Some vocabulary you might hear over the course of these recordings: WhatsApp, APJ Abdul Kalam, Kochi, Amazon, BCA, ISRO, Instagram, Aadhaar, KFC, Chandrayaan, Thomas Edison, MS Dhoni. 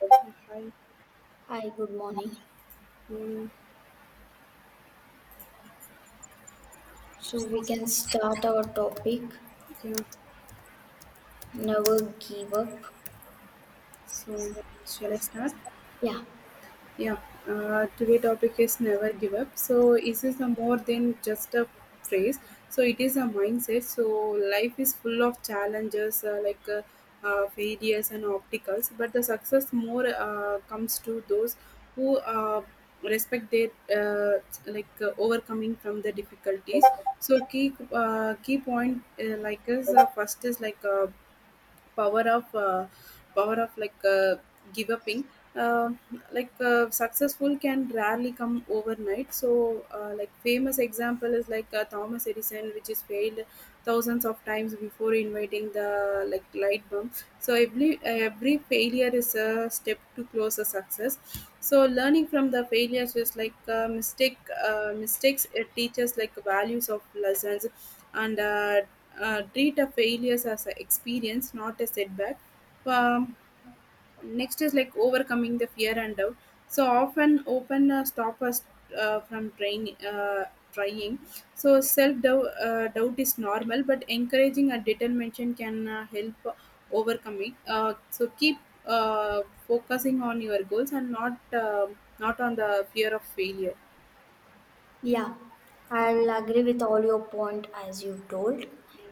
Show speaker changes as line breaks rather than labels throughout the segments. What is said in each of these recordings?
Hi.
Hi, good morning.
um,
So we can start our topic,
Yeah.
never give up.
So, shall I start?
Yeah,
Yeah. Today topic is never give up. So, is this is a more than just a phrase? So, it is a mindset. So, life is full of challenges, like failures and obstacles, but the success more comes to those who respect their uh, like overcoming from the difficulties. So, key point like is first is like. Power of uh, power of like give uping, uh, like successful can rarely come overnight, so like famous example is like Thomas Edison, which is failed thousands of times before inviting the like light bulb. So every failure is a step to close a success. So learning from the failures is like mistakes, it teaches like values of lessons. And treat a failures as an experience, not a setback. Um, next is like overcoming the fear and doubt. So often open stop us from trying. So self doubt is normal, but encouraging a determination can help overcoming. So keep uh, focusing on your goals and not on the fear of failure.
yeah. I'll agree with all your point as you told.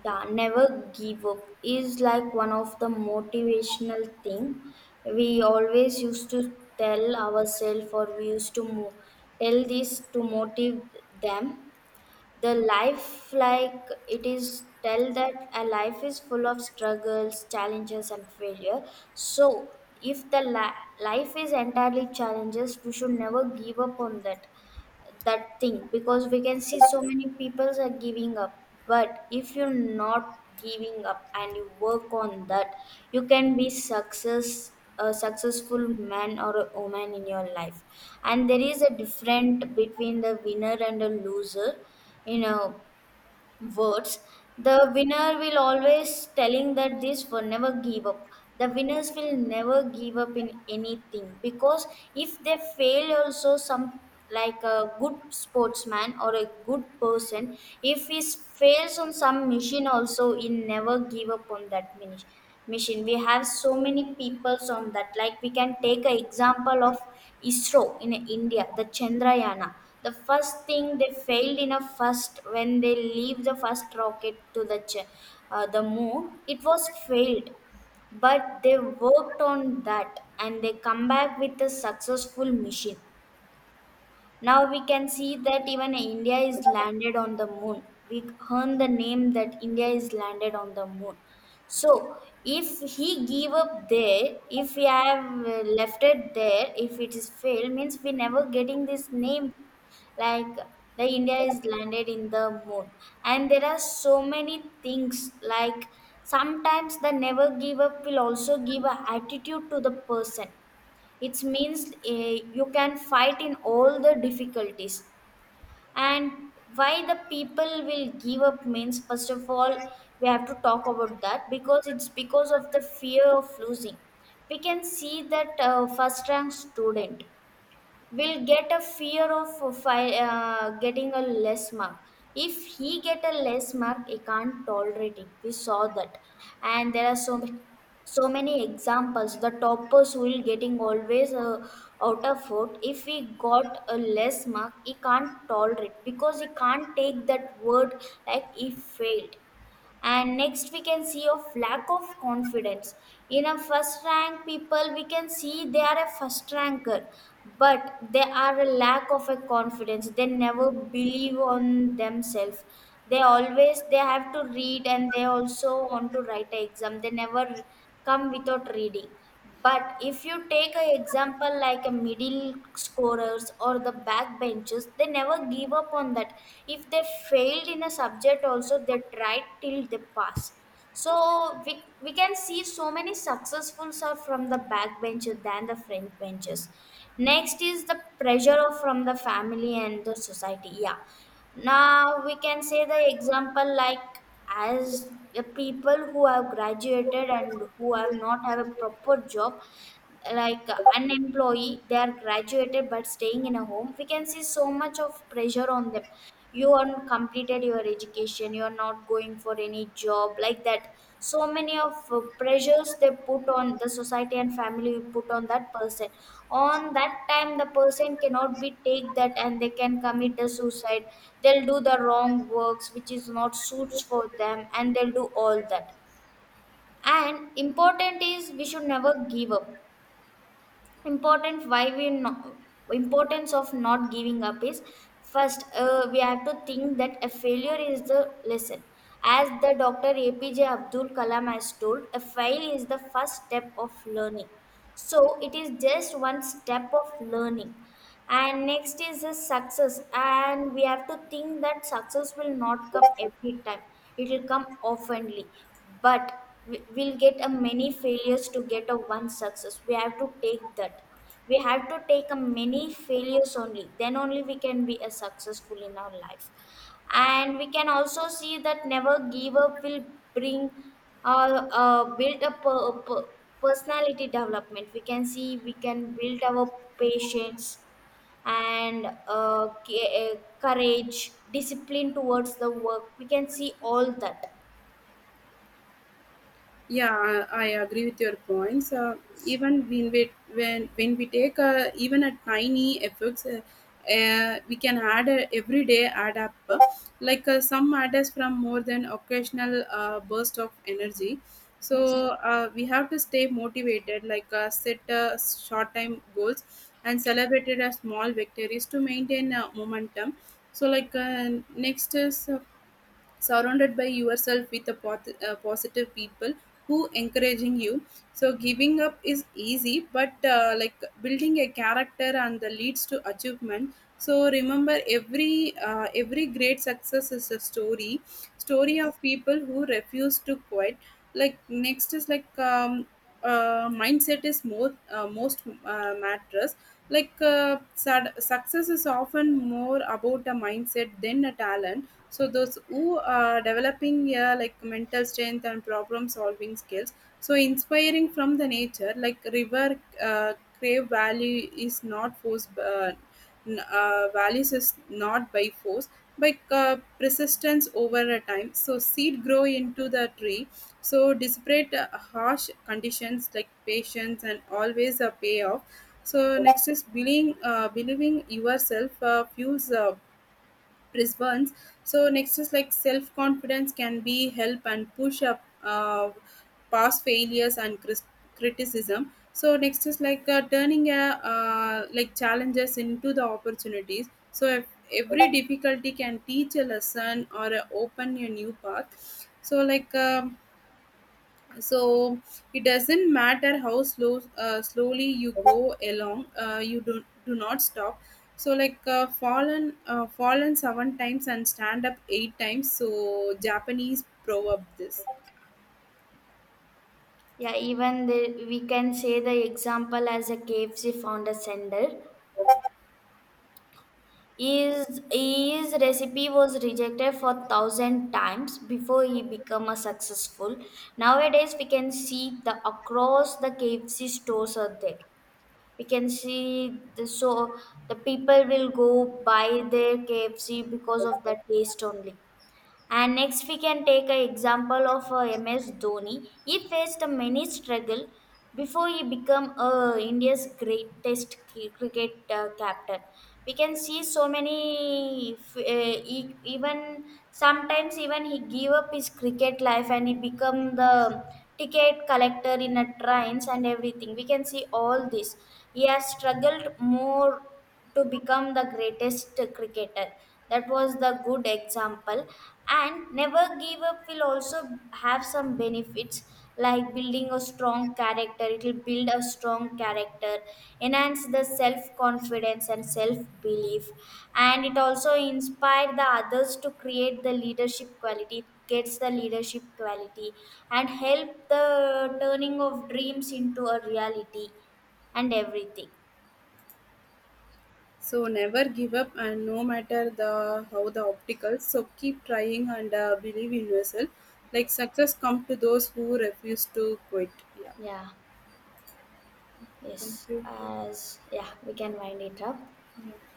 Yeah, never give up is like one of the motivational thing we always used to tell ourselves or we used to tell this to motivate them the life like it is tell that a life is full of struggles challenges and failure. So if the life is entirely challenges we should never give up on that that thing, because we can see so many people are giving up, but if you're not giving up and you work on that you can be success a successful man or a woman in your life. And there is a difference between the winner and a loser, you know, words. The winner will always telling that this will never give up. The winners will never give up in anything, because if they fail also some, like a good sportsman or a good person, if he fails on some mission also he never give up on that mission machine. We have so many peoples on that. Like we can take an example of ISRO in India, the Chandrayana. The first thing they failed in a first when they leave the first rocket to the the moon. It was failed, but they worked on that and they come back with a successful mission. Now we can see that even India is landed on the moon. We earn the name that India is landed on the moon. So if he give up there, if we have left it there, if it is failed, means we never getting this name like the India is landed in the moon. And there are so many things, like sometimes the never give up will also give a attitude to the person. It means eh, you can fight in all the difficulties. And why the people will give up means, first of all, we have to talk about that, because it's because of the fear of losing. We can see that first rank student will get a fear of getting a less mark. If he get a less mark he can't tolerate it, we saw that. And there are so many, so many examples. The toppers will getting always out of foot, if he got a less mark he can't tolerate because he can't take that word like he failed. And next we can see of lack of confidence. In a first rank people we can see they are a first ranker, but they are a lack of a confidence, they never believe on themselves. They always, they have to read and they also want to write an exam, they never come without reading. But if you take an example like a middle scorers or the backbenchers, they never give up on that. If they failed in a subject, also they tried till they pass. So we can see so many successfuls are from the backbenchers than the front benches. Next is the pressure of from the family and the society. Yeah. Now we can say the example like as a people who have graduated and who have not have a proper job, like unemployee, they are graduated but staying in a home, we can see so much of pressure on them. You are completed your education, you are not going for any job like that. So many of pressures they put on, the society and family put on that person. On that time the person cannot be take that, and they can commit the suicide. They'll do the wrong works which is not suits for them, and they'll do all that. And important is we should never give up. Important why we no, importance of not giving up is, first we have to think that a failure is the lesson. As the Dr. APJ Abdul Kalam has told, a fail is the first step of learning. So it is just one step of learning. And next is the success. And we have to think that success will not come every time, it will come oftenly. But we'll get a many failures to get a one success. We have to take that. We have to take a many failures only, then only we can be a successful in our life. And we can also see that never give up will bring build a personality development. We can see we can build our patience and courage, discipline towards the work, we can see all that.
Yeah, I agree with your points. Even when we take even a tiny efforts, we can add every day add up. Like some matters from more than occasional burst of energy. So
Yes.
we have to stay motivated. Like set short time goals and celebrated a small victories to maintain momentum. So like next is surrounded by yourself with a positive people who encouraging you, so giving up is easy, but like building a character and the leads to achievement. So remember, every great success is a story of
Yes.
people who refuse to quit. Like next is like, mindset is more most matters. Like success is often more about a mindset than a talent. So those who are developing, yeah, like mental strength and problem solving skills. So inspiring from the nature, like river crave valley is not force, values is not by force, by persistence over a time. So seed grow into the tree. So despite harsh conditions, like patience and always a payoff. So next is believing yourself fuels Brisbane's. So next is like self confidence can be help and push up past failures and criticism. So next is like turning a like challenges into the opportunities. So if every difficulty can teach a lesson or open a new path. So like. So it doesn't matter how slowly you go along, you do not stop. So like fallen seven times and stand up eight times, so Japanese proverb this.
Yeah, even the, we can say the example as a KFC founder Sender. His recipe was rejected for thousand times before he become a successful. Nowadays we can see the across the KFC stores are there. We can see the, so the people will go buy their KFC because of the taste only. And next we can take an example of MS Dhoni. He faced many struggle before he became India's greatest cricket captain. We can see so many, even sometimes even he gave up his cricket life and he become the ticket collector in a trains and everything. We can see all this. He has struggled more to become the greatest cricketer. That was the good example. And never give up will also have some benefits, like building a strong character, it will build a strong character, enhance the self confidence and self belief. And it also inspire the others to create the leadership quality, it gets the leadership quality, and help the turning of dreams into a reality, and everything.
So never give up, and no matter the how the obstacles, so keep trying and believe in yourself. Like
Yes.
success come to those who refuse to quit. Yeah.
Yeah.
Thank
Yes,
you.
as yeah, we can wind it up.
Yeah.